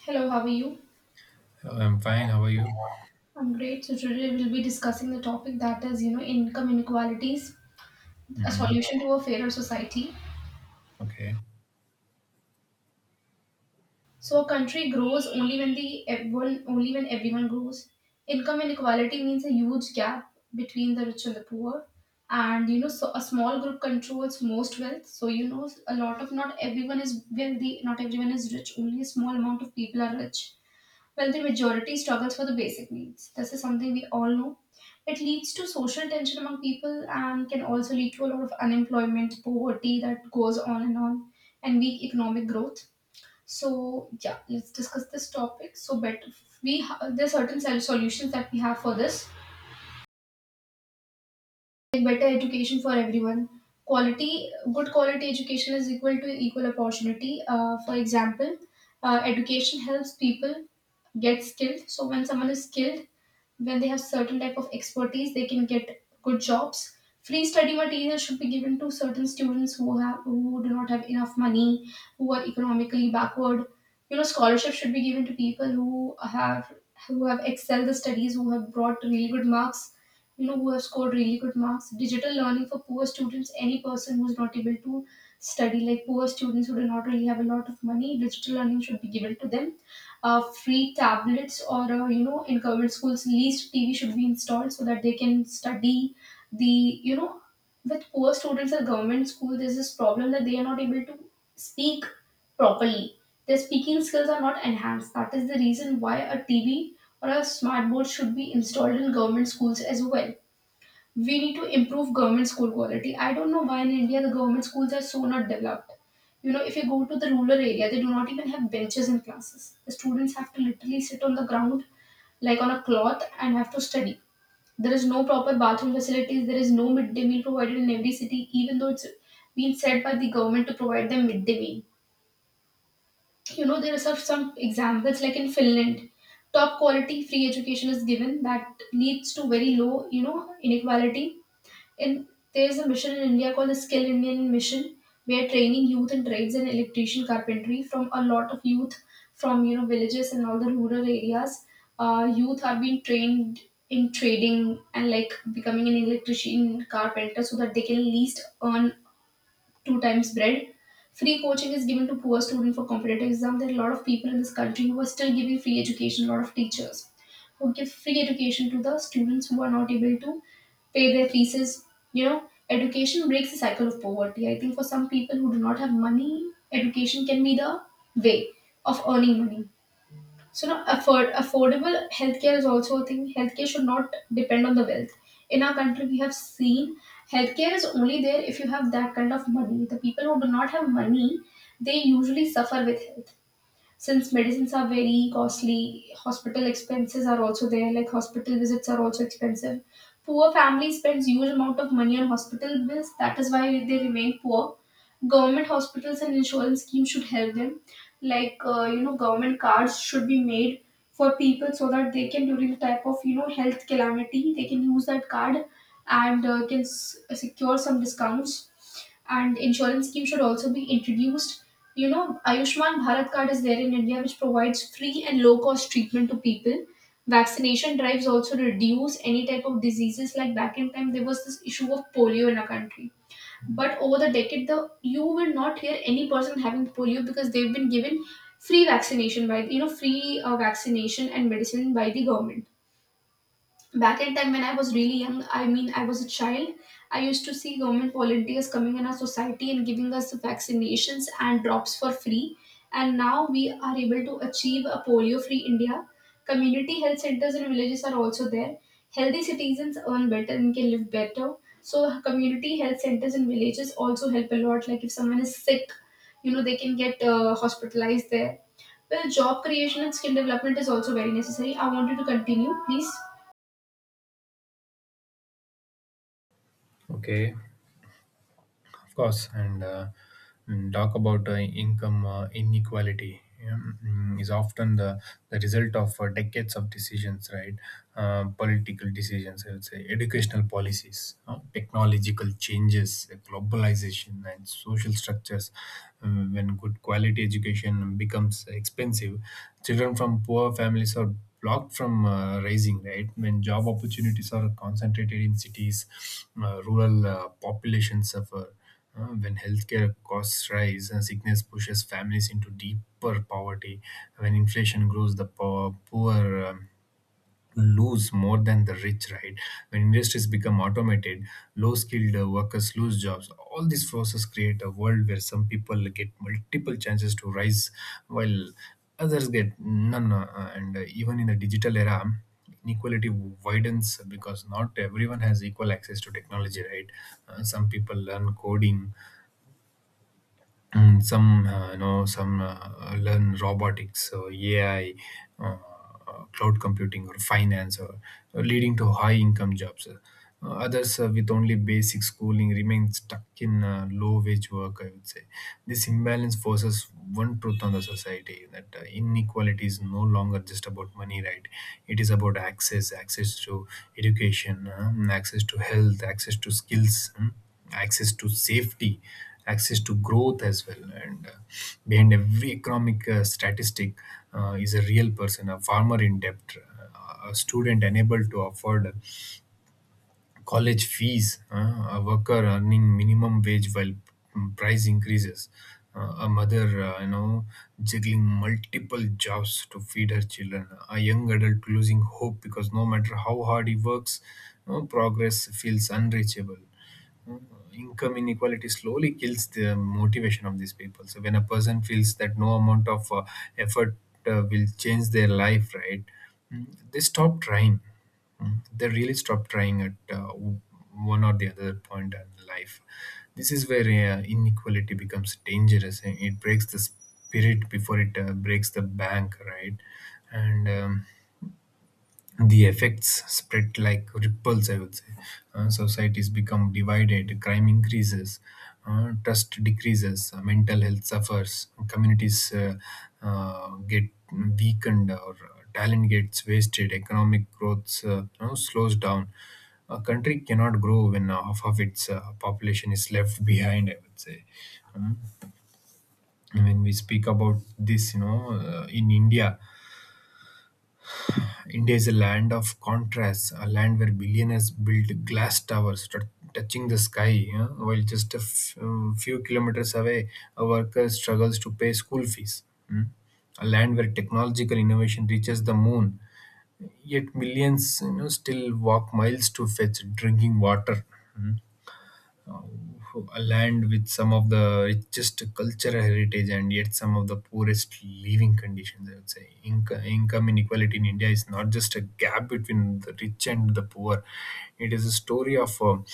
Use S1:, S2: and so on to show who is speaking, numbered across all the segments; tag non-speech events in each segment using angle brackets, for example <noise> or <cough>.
S1: Hello, how are you?
S2: I'm fine. How are you?
S1: I'm great. So today we'll be discussing the topic that is, income inequalities, a
S2: Hmm.
S1: solution to a fairer society.
S2: Okay.
S1: So a country grows only when everyone grows. Income inequality means a huge gap between the rich and the poor. So a small group controls most wealth. So a lot of not everyone is wealthy, not everyone is rich. Only a small amount of people are rich while the majority struggles for the basic needs. This is something we all know. It leads to social tension among people and can also lead to a lot of unemployment, poverty that goes on, and weak economic growth. So yeah, let's discuss this topic. So better there are certain solutions that we have for this, like better education for everyone. Quality, good quality education is equal to equal opportunity. For example, education helps people get skilled. So when someone is skilled, when they have certain type of expertise, they can get good jobs. Free study material should be given to certain students who do not have enough money, who are economically backward. Scholarships should be given to people who have excelled the studies, who have brought really good marks, who have scored really good marks. Digital learning for poor students, any person who's not able to study, like poor students who do not really have a lot of money, digital learning should be given to them. Free tablets, or, in government schools, least tv should be installed so that they can study. The you know with poor students at government school, there's this problem that they are not able to speak properly. Their speaking skills are not enhanced. That is the reason why a tv or a smart board should be installed in government schools as well. We need to improve government school quality. I don't know why in India the government schools are so not developed. If you go to the rural area, they do not even have benches in classes. The students have to literally sit on the ground, like on a cloth, and have to study. There is no proper bathroom facilities. There is no midday meal provided in every city, even though it's been said by the government to provide them midday meal. There are some examples like in Finland, top quality free education is given that leads to very low, inequality. In There's a mission in India called the Skill Indian Mission, where training youth in trades and electrician carpentry from a lot of youth from villages and all the rural areas. Youth are being trained in trading and like becoming an electrician carpenter so that they can at least earn two times bread. Free coaching is given to poor students for competitive exam. There are a lot of people in this country who are still giving free education, a lot of teachers who give free education to the students who are not able to pay their fees. Education breaks the cycle of poverty. I think for some people who do not have money, education can be the way of earning money. So now affordable healthcare is also a thing. Healthcare should not depend on the wealth. In our country, we have seen healthcare is only there if you have that kind of money. The people who do not have money, they usually suffer with health, since medicines are very costly. Hospital expenses are also there, like hospital visits are also expensive. Poor family spends huge amount of money on hospital bills. That is why they remain poor. Government hospitals and insurance schemes should help them, like, government cards should be made for people, so that they can, during the type of health calamity, they can use that card, and can secure some discounts, and insurance scheme should also be introduced. Ayushman Bharat card is there in India, which provides free and low cost treatment to people. Vaccination drives also reduce any type of diseases. Like back in time, there was this issue of polio in our country, but over the decade, the you will not hear any person having polio because they've been given free vaccination by, free vaccination and medicine by the government. Back in time when I was really young, I mean I was a child, I used to see government volunteers coming in our society and giving us vaccinations and drops for free, and now we are able to achieve a polio free India. Community health centers in villages are also there. Healthy citizens earn better and can live better. So community health centers in villages also help a lot, like if someone is sick, they can get hospitalized there. Well, job creation and skill development is also very necessary. I wanted to continue, please.
S2: Okay. Of course, and talk about income inequality is often the result of decades of decisions, right? Uh, political decisions, I would say. Educational policies, technological changes, globalization, and social structures. When good quality education becomes expensive, children from poor families are blocked from raising, right? When job opportunities are concentrated in cities, rural populations suffer. Uh, when healthcare costs rise, sickness pushes families into deeper poverty. When inflation grows, the poor lose more than the rich, right? When industries become automated, low skilled workers lose jobs. All these forces create a world where some people get multiple chances to rise, while others get none. And even in the digital era, inequality widens because not everyone has equal access to technology, right? Some people learn coding, and some learn robotics or ai, uh, cloud computing or finance, or leading to high income jobs. Others, with only basic schooling, remain stuck in low wage work, I would say. This imbalance forces one truth on the society, that inequality is no longer just about money, right? It is about access, access to education, access to health, access to skills, mm, access to safety, access to growth as well. And behind every economic statistic is a real person: a farmer in debt, a student unable to afford college fees, a worker earning minimum wage while price increases. A mother, juggling multiple jobs to feed her children. A young adult losing hope because no matter how hard he works, no progress feels unreachable. Income inequality slowly kills the motivation of these people. So when a person feels that no amount of effort will change their life, right, mm, they stop trying. Mm, they really stop trying at uh, w- one or the other point in life. This is where inequality becomes dangerous, and it breaks the spirit before it breaks the bank, right? And the effects spread like ripples, I would say. Societies become divided, crime increases, trust decreases, mental health suffers, communities get weakened, or talent gets wasted, economic growth, slows down. A country cannot grow when half of its population is left behind, I would say. Um, when we speak about this, you know, in India, India is a land of contrasts, a land where billionaires build glass towers touching the sky, yeah, while just a few kilometers away, a worker struggles to pay school fees. Mm. A land where technological innovation reaches the moon, yet millions, you know, still walk miles to fetch drinking water. Hmm? uh, a land with some of the richest cultural heritage, and yet some of the poorest living conditions, I would say. Income inequality in India is not just a gap between the rich and the poor; it is a story of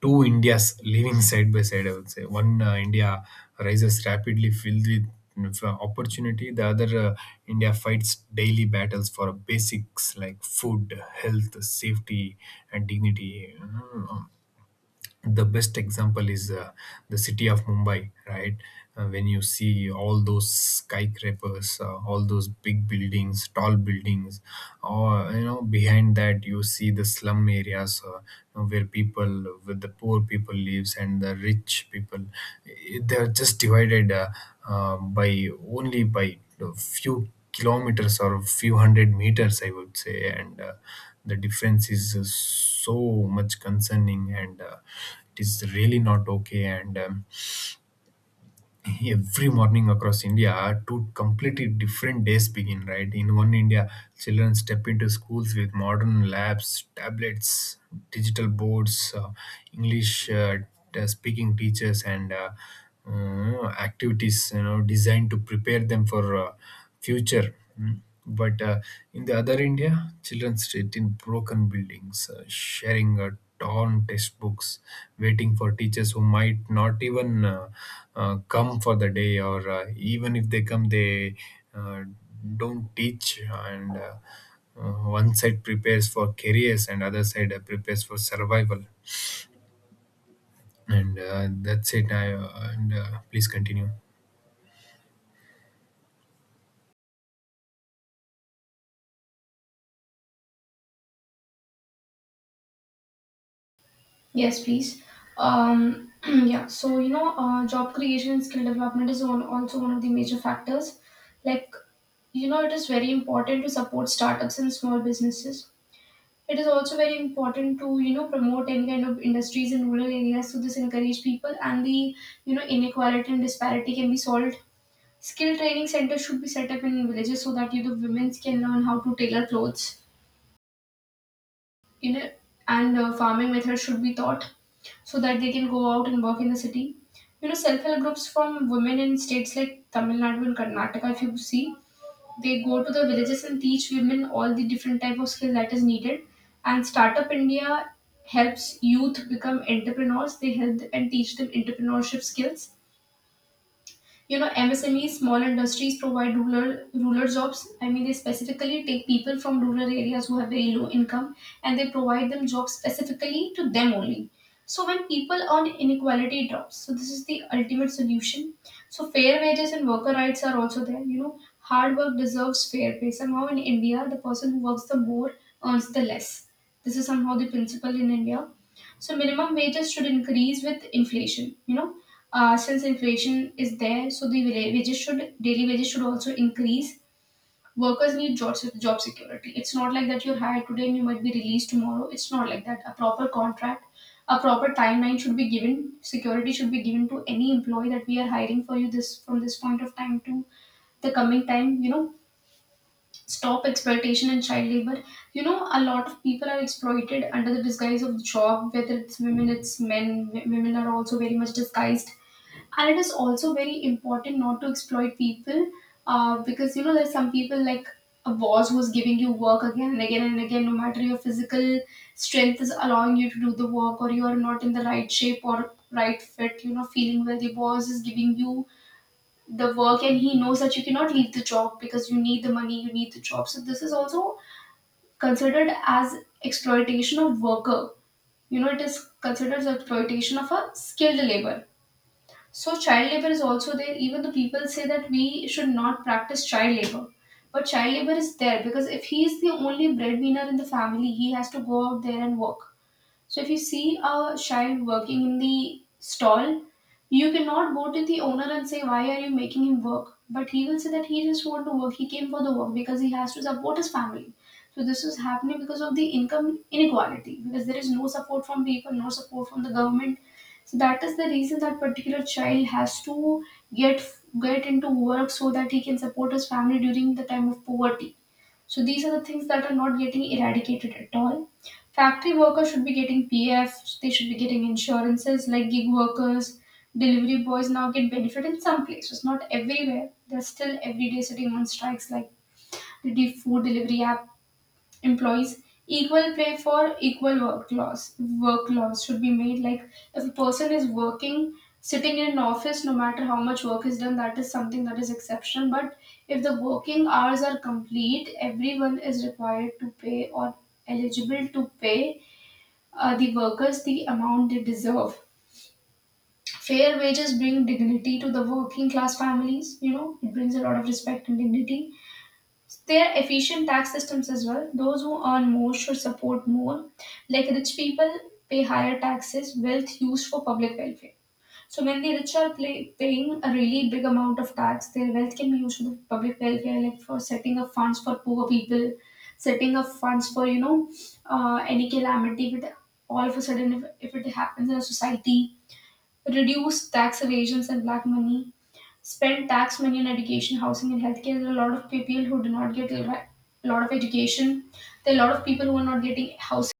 S2: two Indias living side by side. I would say one India rises rapidly, filled with opportunity. The other India fights daily battles for basics like food, health, safety, and dignity. The best example is the city of Mumbai, right? When you see all those skyscrapers, all those big buildings, tall buildings, or, you know, behind that you see the slum areas, where people, with the poor people lives, and the rich people, eh, they're just divided by, only by a few kilometers or a few hundred meters, I would say. And the difference is so much concerning, and it is really not okay. And every morning across India, two completely different days begin. Right in one India, children step into schools with modern labs, tablets, digital boards, English speaking teachers, and activities, you know, designed to prepare them for. Future. Mm. But in the other India, children sit in broken buildings, sharing torn textbooks, waiting for teachers who might not even come for the day, or even if they come, they uh, don't teach. And one side prepares for careers, and other side prepares for survival. And that's it. I, and please continue.
S1: Yes, please. <clears throat> Yeah, so job creation and skill development is one, also one of the major factors. Like, it is very important to support startups and small businesses. It is also very important to promote any kind of industries in rural areas. So this encourage people, and the you know inequality and disparity can be solved. Skill training centers should be set up in villages so that you, the women can learn how to tailor clothes in it, and farming methods should be taught so that they can go out and work in the city. Self-help groups from women in states like Tamil Nadu and Karnataka, if you see, they go to the villages and teach women all the different type of skill that is needed. And Startup India helps youth become entrepreneurs. They help and teach them entrepreneurship skills. MSMEs, small industries provide rural jobs. I mean they specifically take people from rural areas who have very low income, and they provide them jobs specifically to them only. So when people earn, inequality drops. So this is the ultimate solution. So fair wages and worker rights are also there, hard work deserves fair pay. Somehow in India the person who works the more earns the less. This is somehow the principle in India. So minimum wages should increase with inflation. Since inflation is there, so the wage- wages should daily wages should also increase. Workers need job security. It's not like that you're hired today and you might be released tomorrow. It's not like that. A proper contract, a proper timeline should be given. Security should be given to any employee that we are hiring for you, this from this point of time to the coming time. Stop exploitation and child labor. A lot of people are exploited under the disguise of job. Whether it's women, it's men. Women are also very much disguised, and it is also very important not to exploit people, because there's some people like a boss who's giving you work again and again and again, no matter your physical strength is allowing you to do the work, or you are not in the right shape or right fit, feeling well. The boss is giving you the work, and he knows that you cannot leave the job because you need the money, you need the job. So this is also considered as exploitation of worker. It is considered as exploitation of a skilled labor. So child labor is also there. Even the people say that we should not practice child labor. But child labor is there because if he is the only breadwinner in the family, he has to go out there and work. So if you see a child working in the stall, you cannot go to the owner and say, "Why are you making him work?" But he will say that he just want to work, he came for the work because he has to support his family. So this is happening because of the income inequality, because there is no support from people, no support from the government. So that is the reason that particular child has to get get into work so that he can support his family during the time of poverty. So these are the things that are not getting eradicated at all. Factory workers should be getting PF, they should be getting insurances like gig workers, delivery boys now get benefit in some places, not everywhere. They're still every day sitting on strikes like food delivery app employees. Equal pay for equal work laws, work laws should be made. Like if a person is working sitting in an office, no matter how much work is done, that is something that is exceptional. But if the working hours are complete, everyone is required to pay or eligible to pay the workers the amount they deserve. Fair wages bring dignity to the working class families, you know, it brings a lot of respect and dignity. There are efficient tax systems as well. Those who earn more should support more. Like rich people pay higher taxes, wealth used for public welfare. So when the rich are paying a really big amount of tax, their wealth can be used for the public welfare, like for setting up funds for poor people, setting up funds for any calamity, with all of a sudden if it happens in a society, reduce tax evasions and black money, spend tax money on education, housing, and healthcare. There are a lot of people who do not get a lot of education. There are a lot of people who are not getting housing.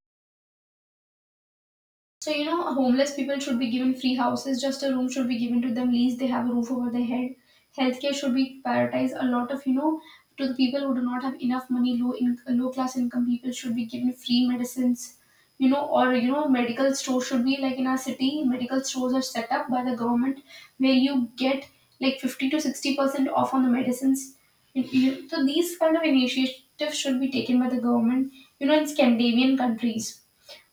S1: So, you know, homeless people should be given free houses, just a room should be given to them, least they have a roof over their head. Healthcare should be prioritized. A lot of, you know, to the people who do not have enough money, low class income people should be given free medicines, you know, or, you know, medical stores should be like in our city, medical stores are set up by the government where you get like 50 to 60% off on the medicines. So, these kind of initiatives should be taken by the government, you know, in Scandinavian countries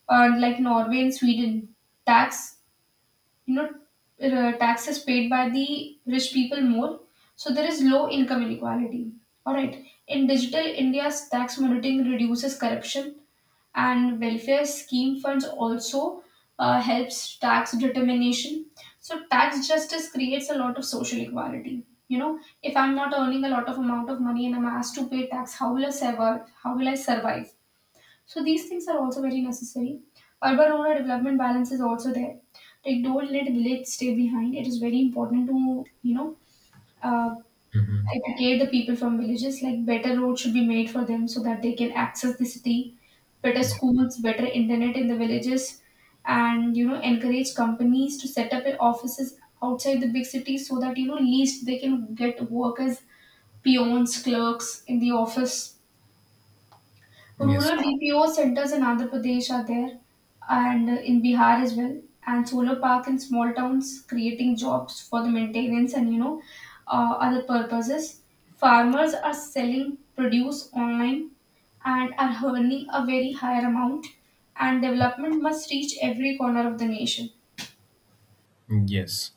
S1: like Norway and Sweden, tax you know tax is paid by the rich people more, so there is low income inequality. All right. In digital India's tax monitoring reduces corruption, and welfare scheme funds also helps tax determination. So tax justice creates a lot of social equality. You know, if I'm not earning a lot of amount of money and I'm asked to pay tax, how will I survive? How will I survive? So these things are also very necessary. Urban rural development balance is also there. Like don't let village stay behind. It is very important to uh,
S2: Mhm.
S1: educate the people from villages. Like better roads should be made for them so that they can access the city. Better schools, better internet in the villages, and, you know, encourage companies to set up offices outside the big cities so that, you know, least they can get work as peons, clerks in the office.
S2: Yes.
S1: Rural BPO centers in Andhra Pradesh are there, and in Bihar as well. And solar park in small towns creating jobs for the maintenance and other purposes. Farmers are selling produce online and are earning a very higher amount, and development must reach every corner of the nation.
S2: Yes,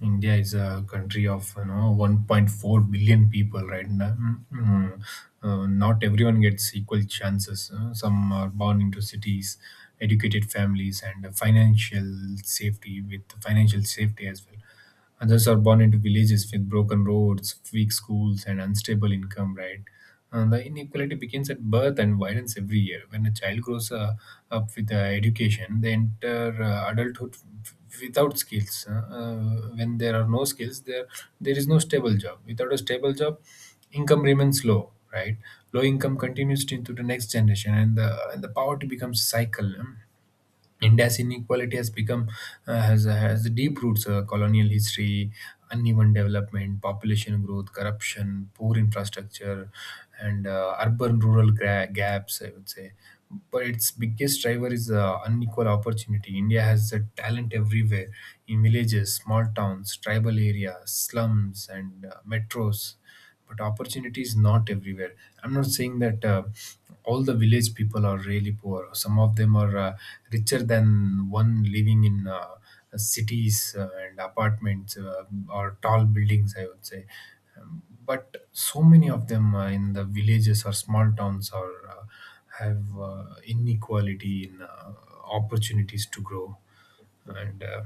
S2: India is a country of, you know, 1.4 billion people, right now. Mm, mm. Not everyone gets equal chances. Some are born into cities, educated families, and financial safety, with financial safety as well. Others are born into villages with broken roads, weak schools, and unstable income, right? And the inequality begins at birth and widens every year. When a child grows up with education, they enter adulthood without skills. Uh, when there are no skills, there is no stable job. Without a stable job, income remains low, right? Low income continues into the next generation, and the poverty becomes cycle. Hmm? India's inequality has become, has deep roots: colonial history, uneven development, population growth, corruption, poor infrastructure, and urban-rural gaps, I would say. But its biggest driver is unequal opportunity. India has talent everywhere, in villages, small towns, tribal areas, slums, and metros, but opportunity is not everywhere. I'm not saying that all the village people are really poor. Some of them are richer than one living in cities and apartments, or tall buildings, I would say. But so many of them, in the villages or small towns, are, have, inequality in opportunities to grow. And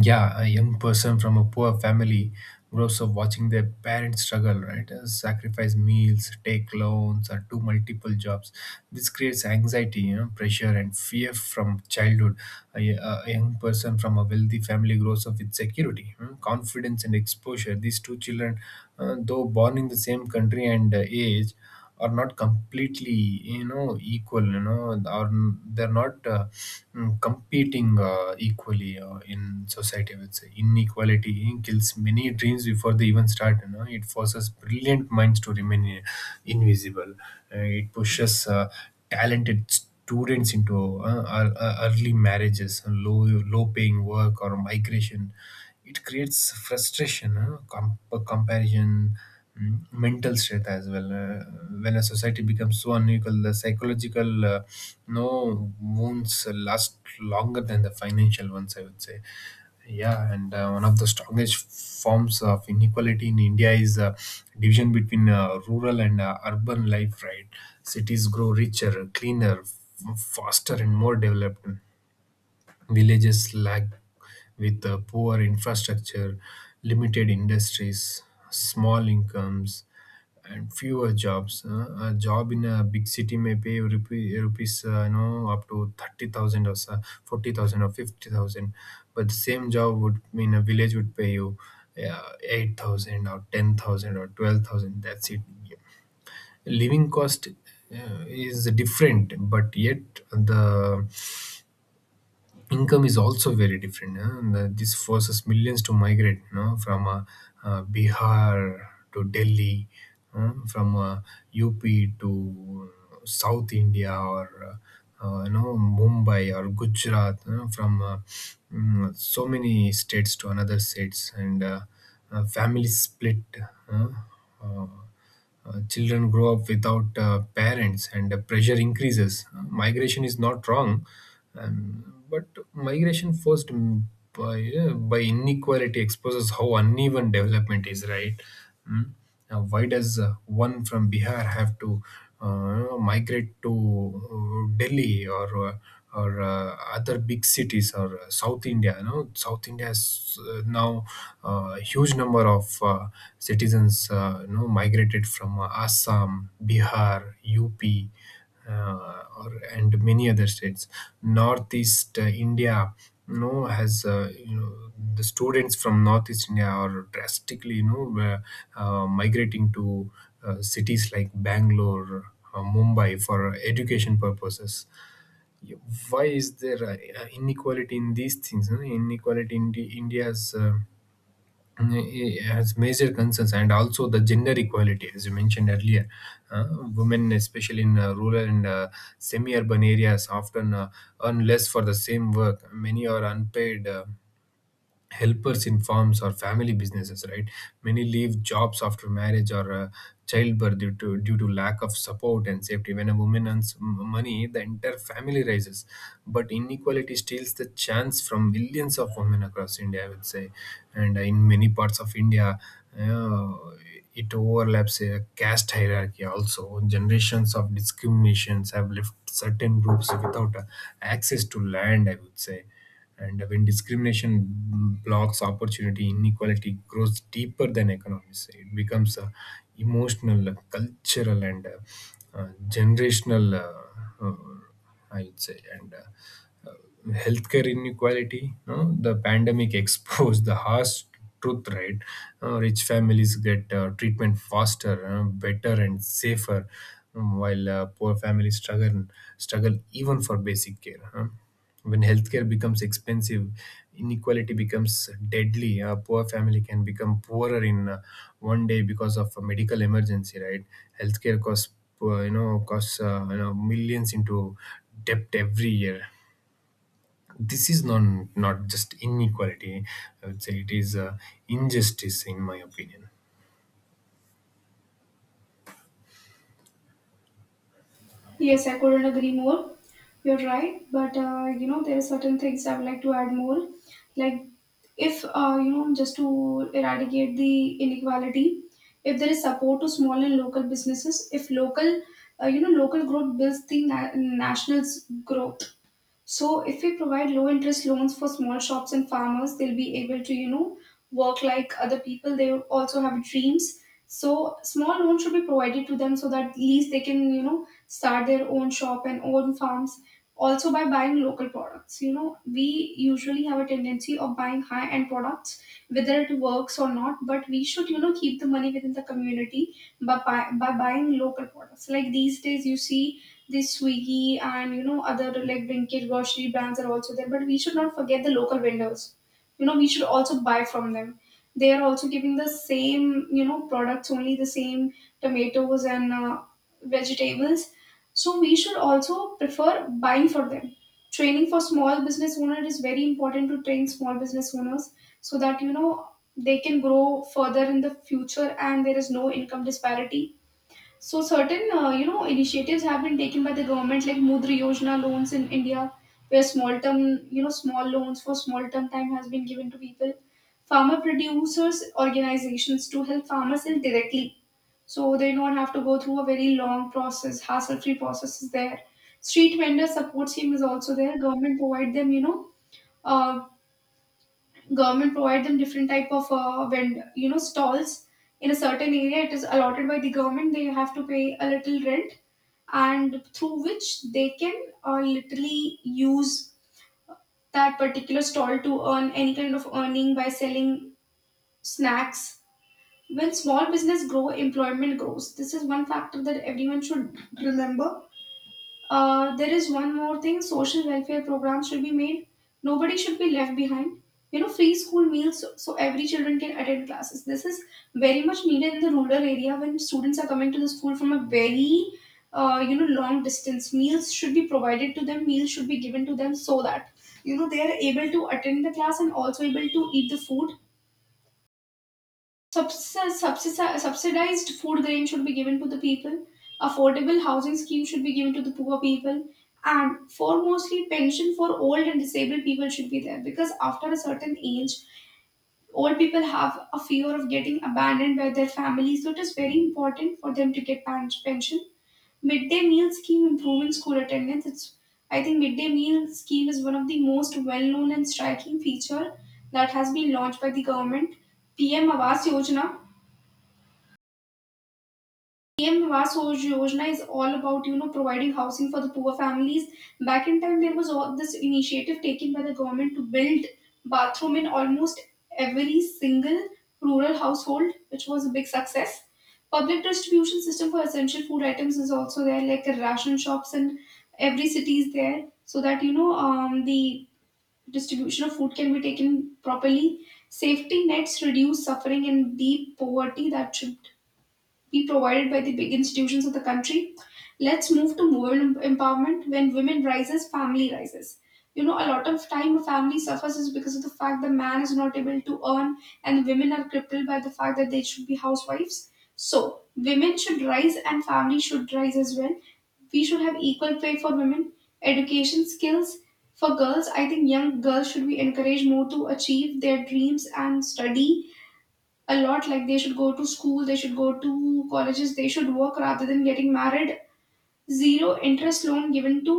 S2: yeah, a young person from a poor family grows up watching their parents struggle, right? Sacrifice meals, take loans, or do multiple jobs. This creates anxiety, you know, pressure and fear from childhood. A young person from a wealthy family grows up with security, mm, confidence, and exposure. These two children, though born in the same country and age, are not completely, you know, equal, you know, and are, they're not competing equally in society, I would say. Inequality kills many dreams before they even start, you know. It forces brilliant minds to remain invisible. It pushes talented students into early marriages, low, low paying work, or migration. It creates frustration, huh? Comparison, mm, mental strength as well. When a society becomes so unequal, the psychological, no, wounds last longer than the financial ones, I would say, yeah. And one of the strongest forms of inequality in India is division between rural and urban life, right? Cities grow richer, cleaner, faster, and more developed. Villages lag with poor infrastructure, limited industries, small incomes, and fewer jobs. A job in a big city may pay rupee, rupees, you know, up to 30,000 or 40,000 or 50,000, but the same job would in a village would pay you 8,000 or 10,000 or 12,000. That's it. Living cost is different, but yet the income is also very different, huh? And this forces millions to migrate, you know, from Bihar to Delhi, from, up to south India, or you know, Mumbai or Gujarat, you know, from so many states to another states, and families split, uh, uh, children grow up without parents, and the pressure increases. Migration is not wrong, but migration forced by inequality exposes how uneven development is, right? Mm. Now, why does one from Bihar have to migrate to Delhi, or other big cities, or south India? You know, south India has, now, huge number of citizens, you know, migrated from Assam, Bihar, up, or and many other states. Northeast India, you know, has, you know, the students from northeast India are drastically, you know, were, migrating to cities like Bangalore, Mumbai, for education purposes, yeah. Why is there inequality in these things, huh? Inequality in the, India's, has major concerns, and also the gender equality, as you mentioned earlier. Uh, Women, especially in rural and semi-urban areas, often earn less for the same work. Many are unpaid. Helpers in farms or family businesses, right? Many leave jobs after marriage or childbirth due to lack of support and safety. When a woman earns money, the entire family rises, but inequality steals the chance from millions of women across India, I would say. And in many parts of India, uh, it overlaps a caste hierarchy. Also, generations of discriminations have left certain groups without access to land, I would say. And when discrimination blocks opportunity, inequality grows deeper than economics. It becomes emotional, cultural, and generational, I would say. And healthcare inequality, no? The pandemic <laughs> exposed the harsh truth, right? Rich families get treatment faster, better and safer, while poor families struggle, struggle even for basic care, huh? When healthcare becomes expensive, inequality becomes deadly. A poor family can become poorer in one day because of a medical emergency, right? Healthcare costs, costs you know millions into debt every year. This is not just inequality, I would say. It is injustice, in my opinion.
S1: Yes, I couldn't agree more. You're right, but you know, there are certain things I would like to add more, like if you know, just to eradicate the inequality, if there is support to small and local businesses, if local you know, local growth builds the national's growth. So if we provide low interest loans for small shops and farmers, they'll be able to, you know, work like other people. They also have dreams. So small loans should be provided to them so that at least they can, you know, start their own shop and own farms. Also by buying local products. You know, we usually have a tendency of buying high-end products, whether it works or not, but we should, you know, keep the money within the community by buying local products. Like these days you see this Swiggy and, you know, other like Blinkit grocery brands are also there. But we should not forget the local vendors. You know, we should also buy from them. They are also giving the same, you know, products, only the same tomatoes and vegetables. So we should also prefer buying for them. Training for small business owner is very important, to train small business owners so that, you know, they can grow further in the future and there is no income disparity. So certain, you know, initiatives have been taken by the government, like Mudra Yojana loans in India, where small term, you know, small loans for small term time has been given to people. Farmer producers organizations to help farmers sell directly, so they don't have to go through a very long process, hassle-free process is there. Street vendor support scheme is also there. Government provide them, uh, government provide them different type of vendor, you know, stalls in a certain area. It is allotted by the government, they have to pay a little rent, and through which they can literally use that particular stall to earn any kind of earning by selling snacks. When small business grow, employment grows. This is one factor that everyone should remember. There is one more thing, social welfare programs should be made. Nobody should be left behind. You know, free school meals so so every children can attend classes. This is very much needed in the rural area when students are coming to the school from a very, you know, long distance. Meals should be provided to them. Meals should be given to them so that, you know, they are able to attend the class and also able to eat the food. Subsidized food grain should be given to the people. Affordable housing scheme should be given to the poor people. And foremostly, pension for old and disabled people should be there because after a certain age, old people have a fear of getting abandoned by their families. So it is very important for them to get pension. Midday meal scheme improving school attendance. It's, I think midday meal scheme is one of the most well-known and striking feature that has been launched by the government. PM Awas Yojana, PM Vivas Yojana is all about, you know, providing housing for the poor families. Back in time, there was all this initiative taken by the government to build bathroom in almost every single rural household, which was a big success. Public distribution system for essential food items is also there, like ration shops in every city is there, so that, you know, the distribution of food can be taken properly. Safety nets reduce suffering and deep poverty that should be provided by the big institutions of the country. Let's move to women empowerment. When women rises, family rises. You know, a lot of time a family suffers is because of the fact the man is not able to earn, and women are crippled by the fact that they should be housewives. So women should rise and family should rise as well. We should have equal pay for women, education skills for girls. I think young girls should be encouraged more to achieve their dreams and study a lot, like they should go to school, they should go to colleges, they should work rather than getting married. Zero interest loan given to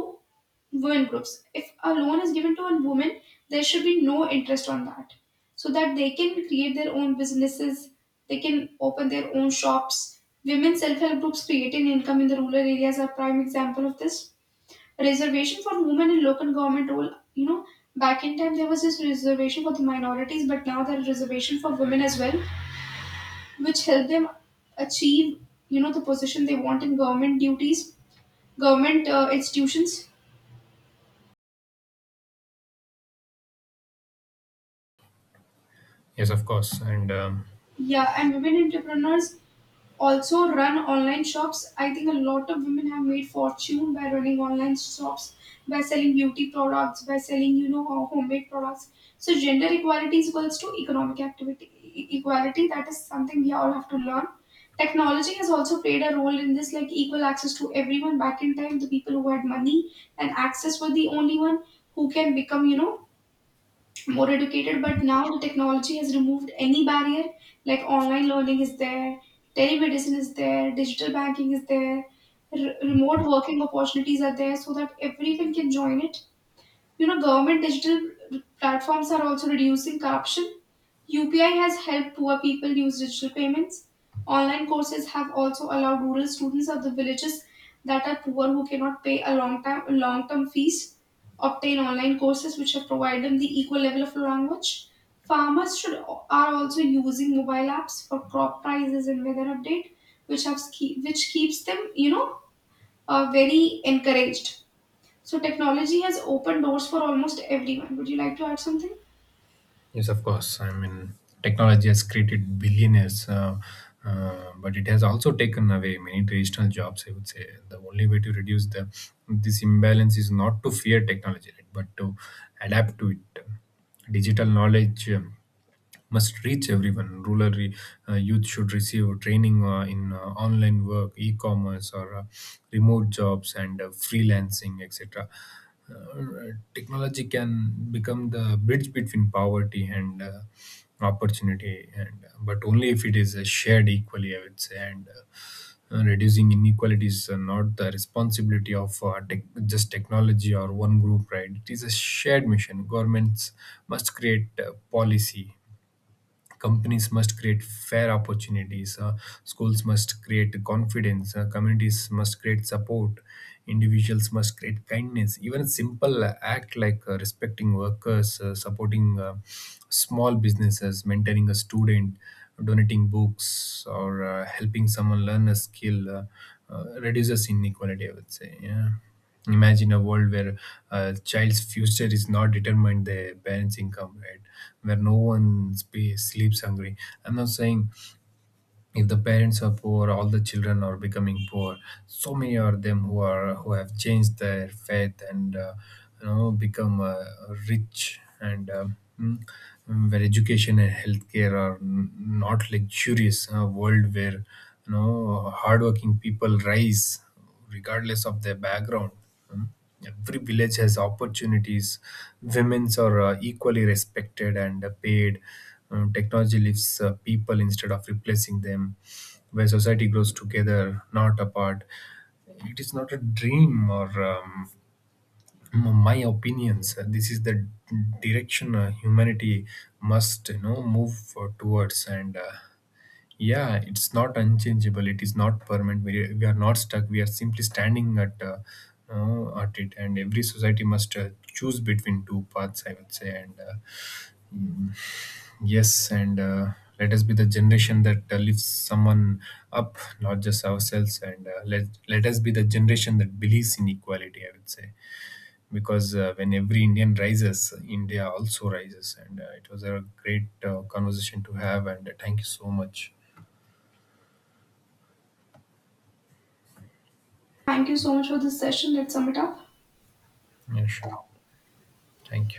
S1: women groups. If a loan is given to a woman, there should be no interest on that, so that they can create their own businesses, they can open their own shops. Women self-help groups creating income in the rural areas are prime example of this. Reservation for women in local government role, you know, back in time there was this reservation for the minorities, but now there is reservation for women as well, which help them achieve, you know, the position they want in government duties, government institutions.
S2: Yes, of course. And
S1: Yeah, and women entrepreneurs also run online shops. I think a lot of women have made fortune by running online shops, by selling beauty products, by selling, you know, homemade products. So gender equality is equals to economic activity equality. That is something we all have to learn. Technology has also played a role in this, like equal access to everyone. Back in time, the people who had money and access were the only one who can become, you know, more educated, but now the technology has removed any barrier, like online learning is there, telemedicine is there, digital banking is there, remote working opportunities are there, so that everyone can join it. You know, government digital platforms are also reducing corruption. UPI has helped poor people use digital payments. Online courses have also allowed rural students of the villages that are poor, who cannot pay a long time long term fees, obtain online courses, which have provided them the equal level of language. Farmers should are also using mobile apps for crop prices and weather update, which have which keeps them, you know, very encouraged. So technology has opened doors for almost everyone. Would you like to add something?
S2: yes, of course, I mean, technology has created billionaires, but it has also taken away many traditional jobs, I would say. The only way to reduce the this imbalance is not to fear technology, right, but to adapt to it. Digital knowledge must reach everyone. Youth should receive training in online work, e-commerce, or remote jobs and freelancing, etc. Technology can become the bridge between poverty and opportunity, and but only if it is shared equally, I would say, and. Reducing inequalities are not the responsibility of tech, just technology or one group, right? It is a shared mission. Governments must create policy, companies must create fair opportunities, schools must create confidence, communities must create support, individuals must create kindness. Even a simple act like respecting workers, supporting small businesses, mentoring a student, donating books, or helping someone learn a skill reduces inequality, I would say. Yeah, imagine a world where a child's future is not determined their parents income, right? Where no one sleeps hungry. I'm not saying if the parents are poor all the children are becoming poor. So many of them who have changed their faith and become rich and where education and healthcare are not luxurious. A world where, you know, hardworking people rise regardless of their background. Every village has opportunities. Women's are equally respected and paid. Technology lifts people instead of replacing them. Where society grows together, not apart. It is not a dream or my opinions. This is the direction humanity must, you know, move towards and. Yeah, it's not unchangeable, it is not permanent. We are not stuck, we are simply standing at it, and every society must choose between two paths, I would say. And mm, yes. And let us be the generation that lifts someone up, not just ourselves. And let us be the generation that believes in equality, I would say, because when every Indian rises, India also rises. And it was a great conversation to have. And thank you so much.
S1: Thank you so much for this session. Let's sum it up.
S2: Yeah, sure, thank you.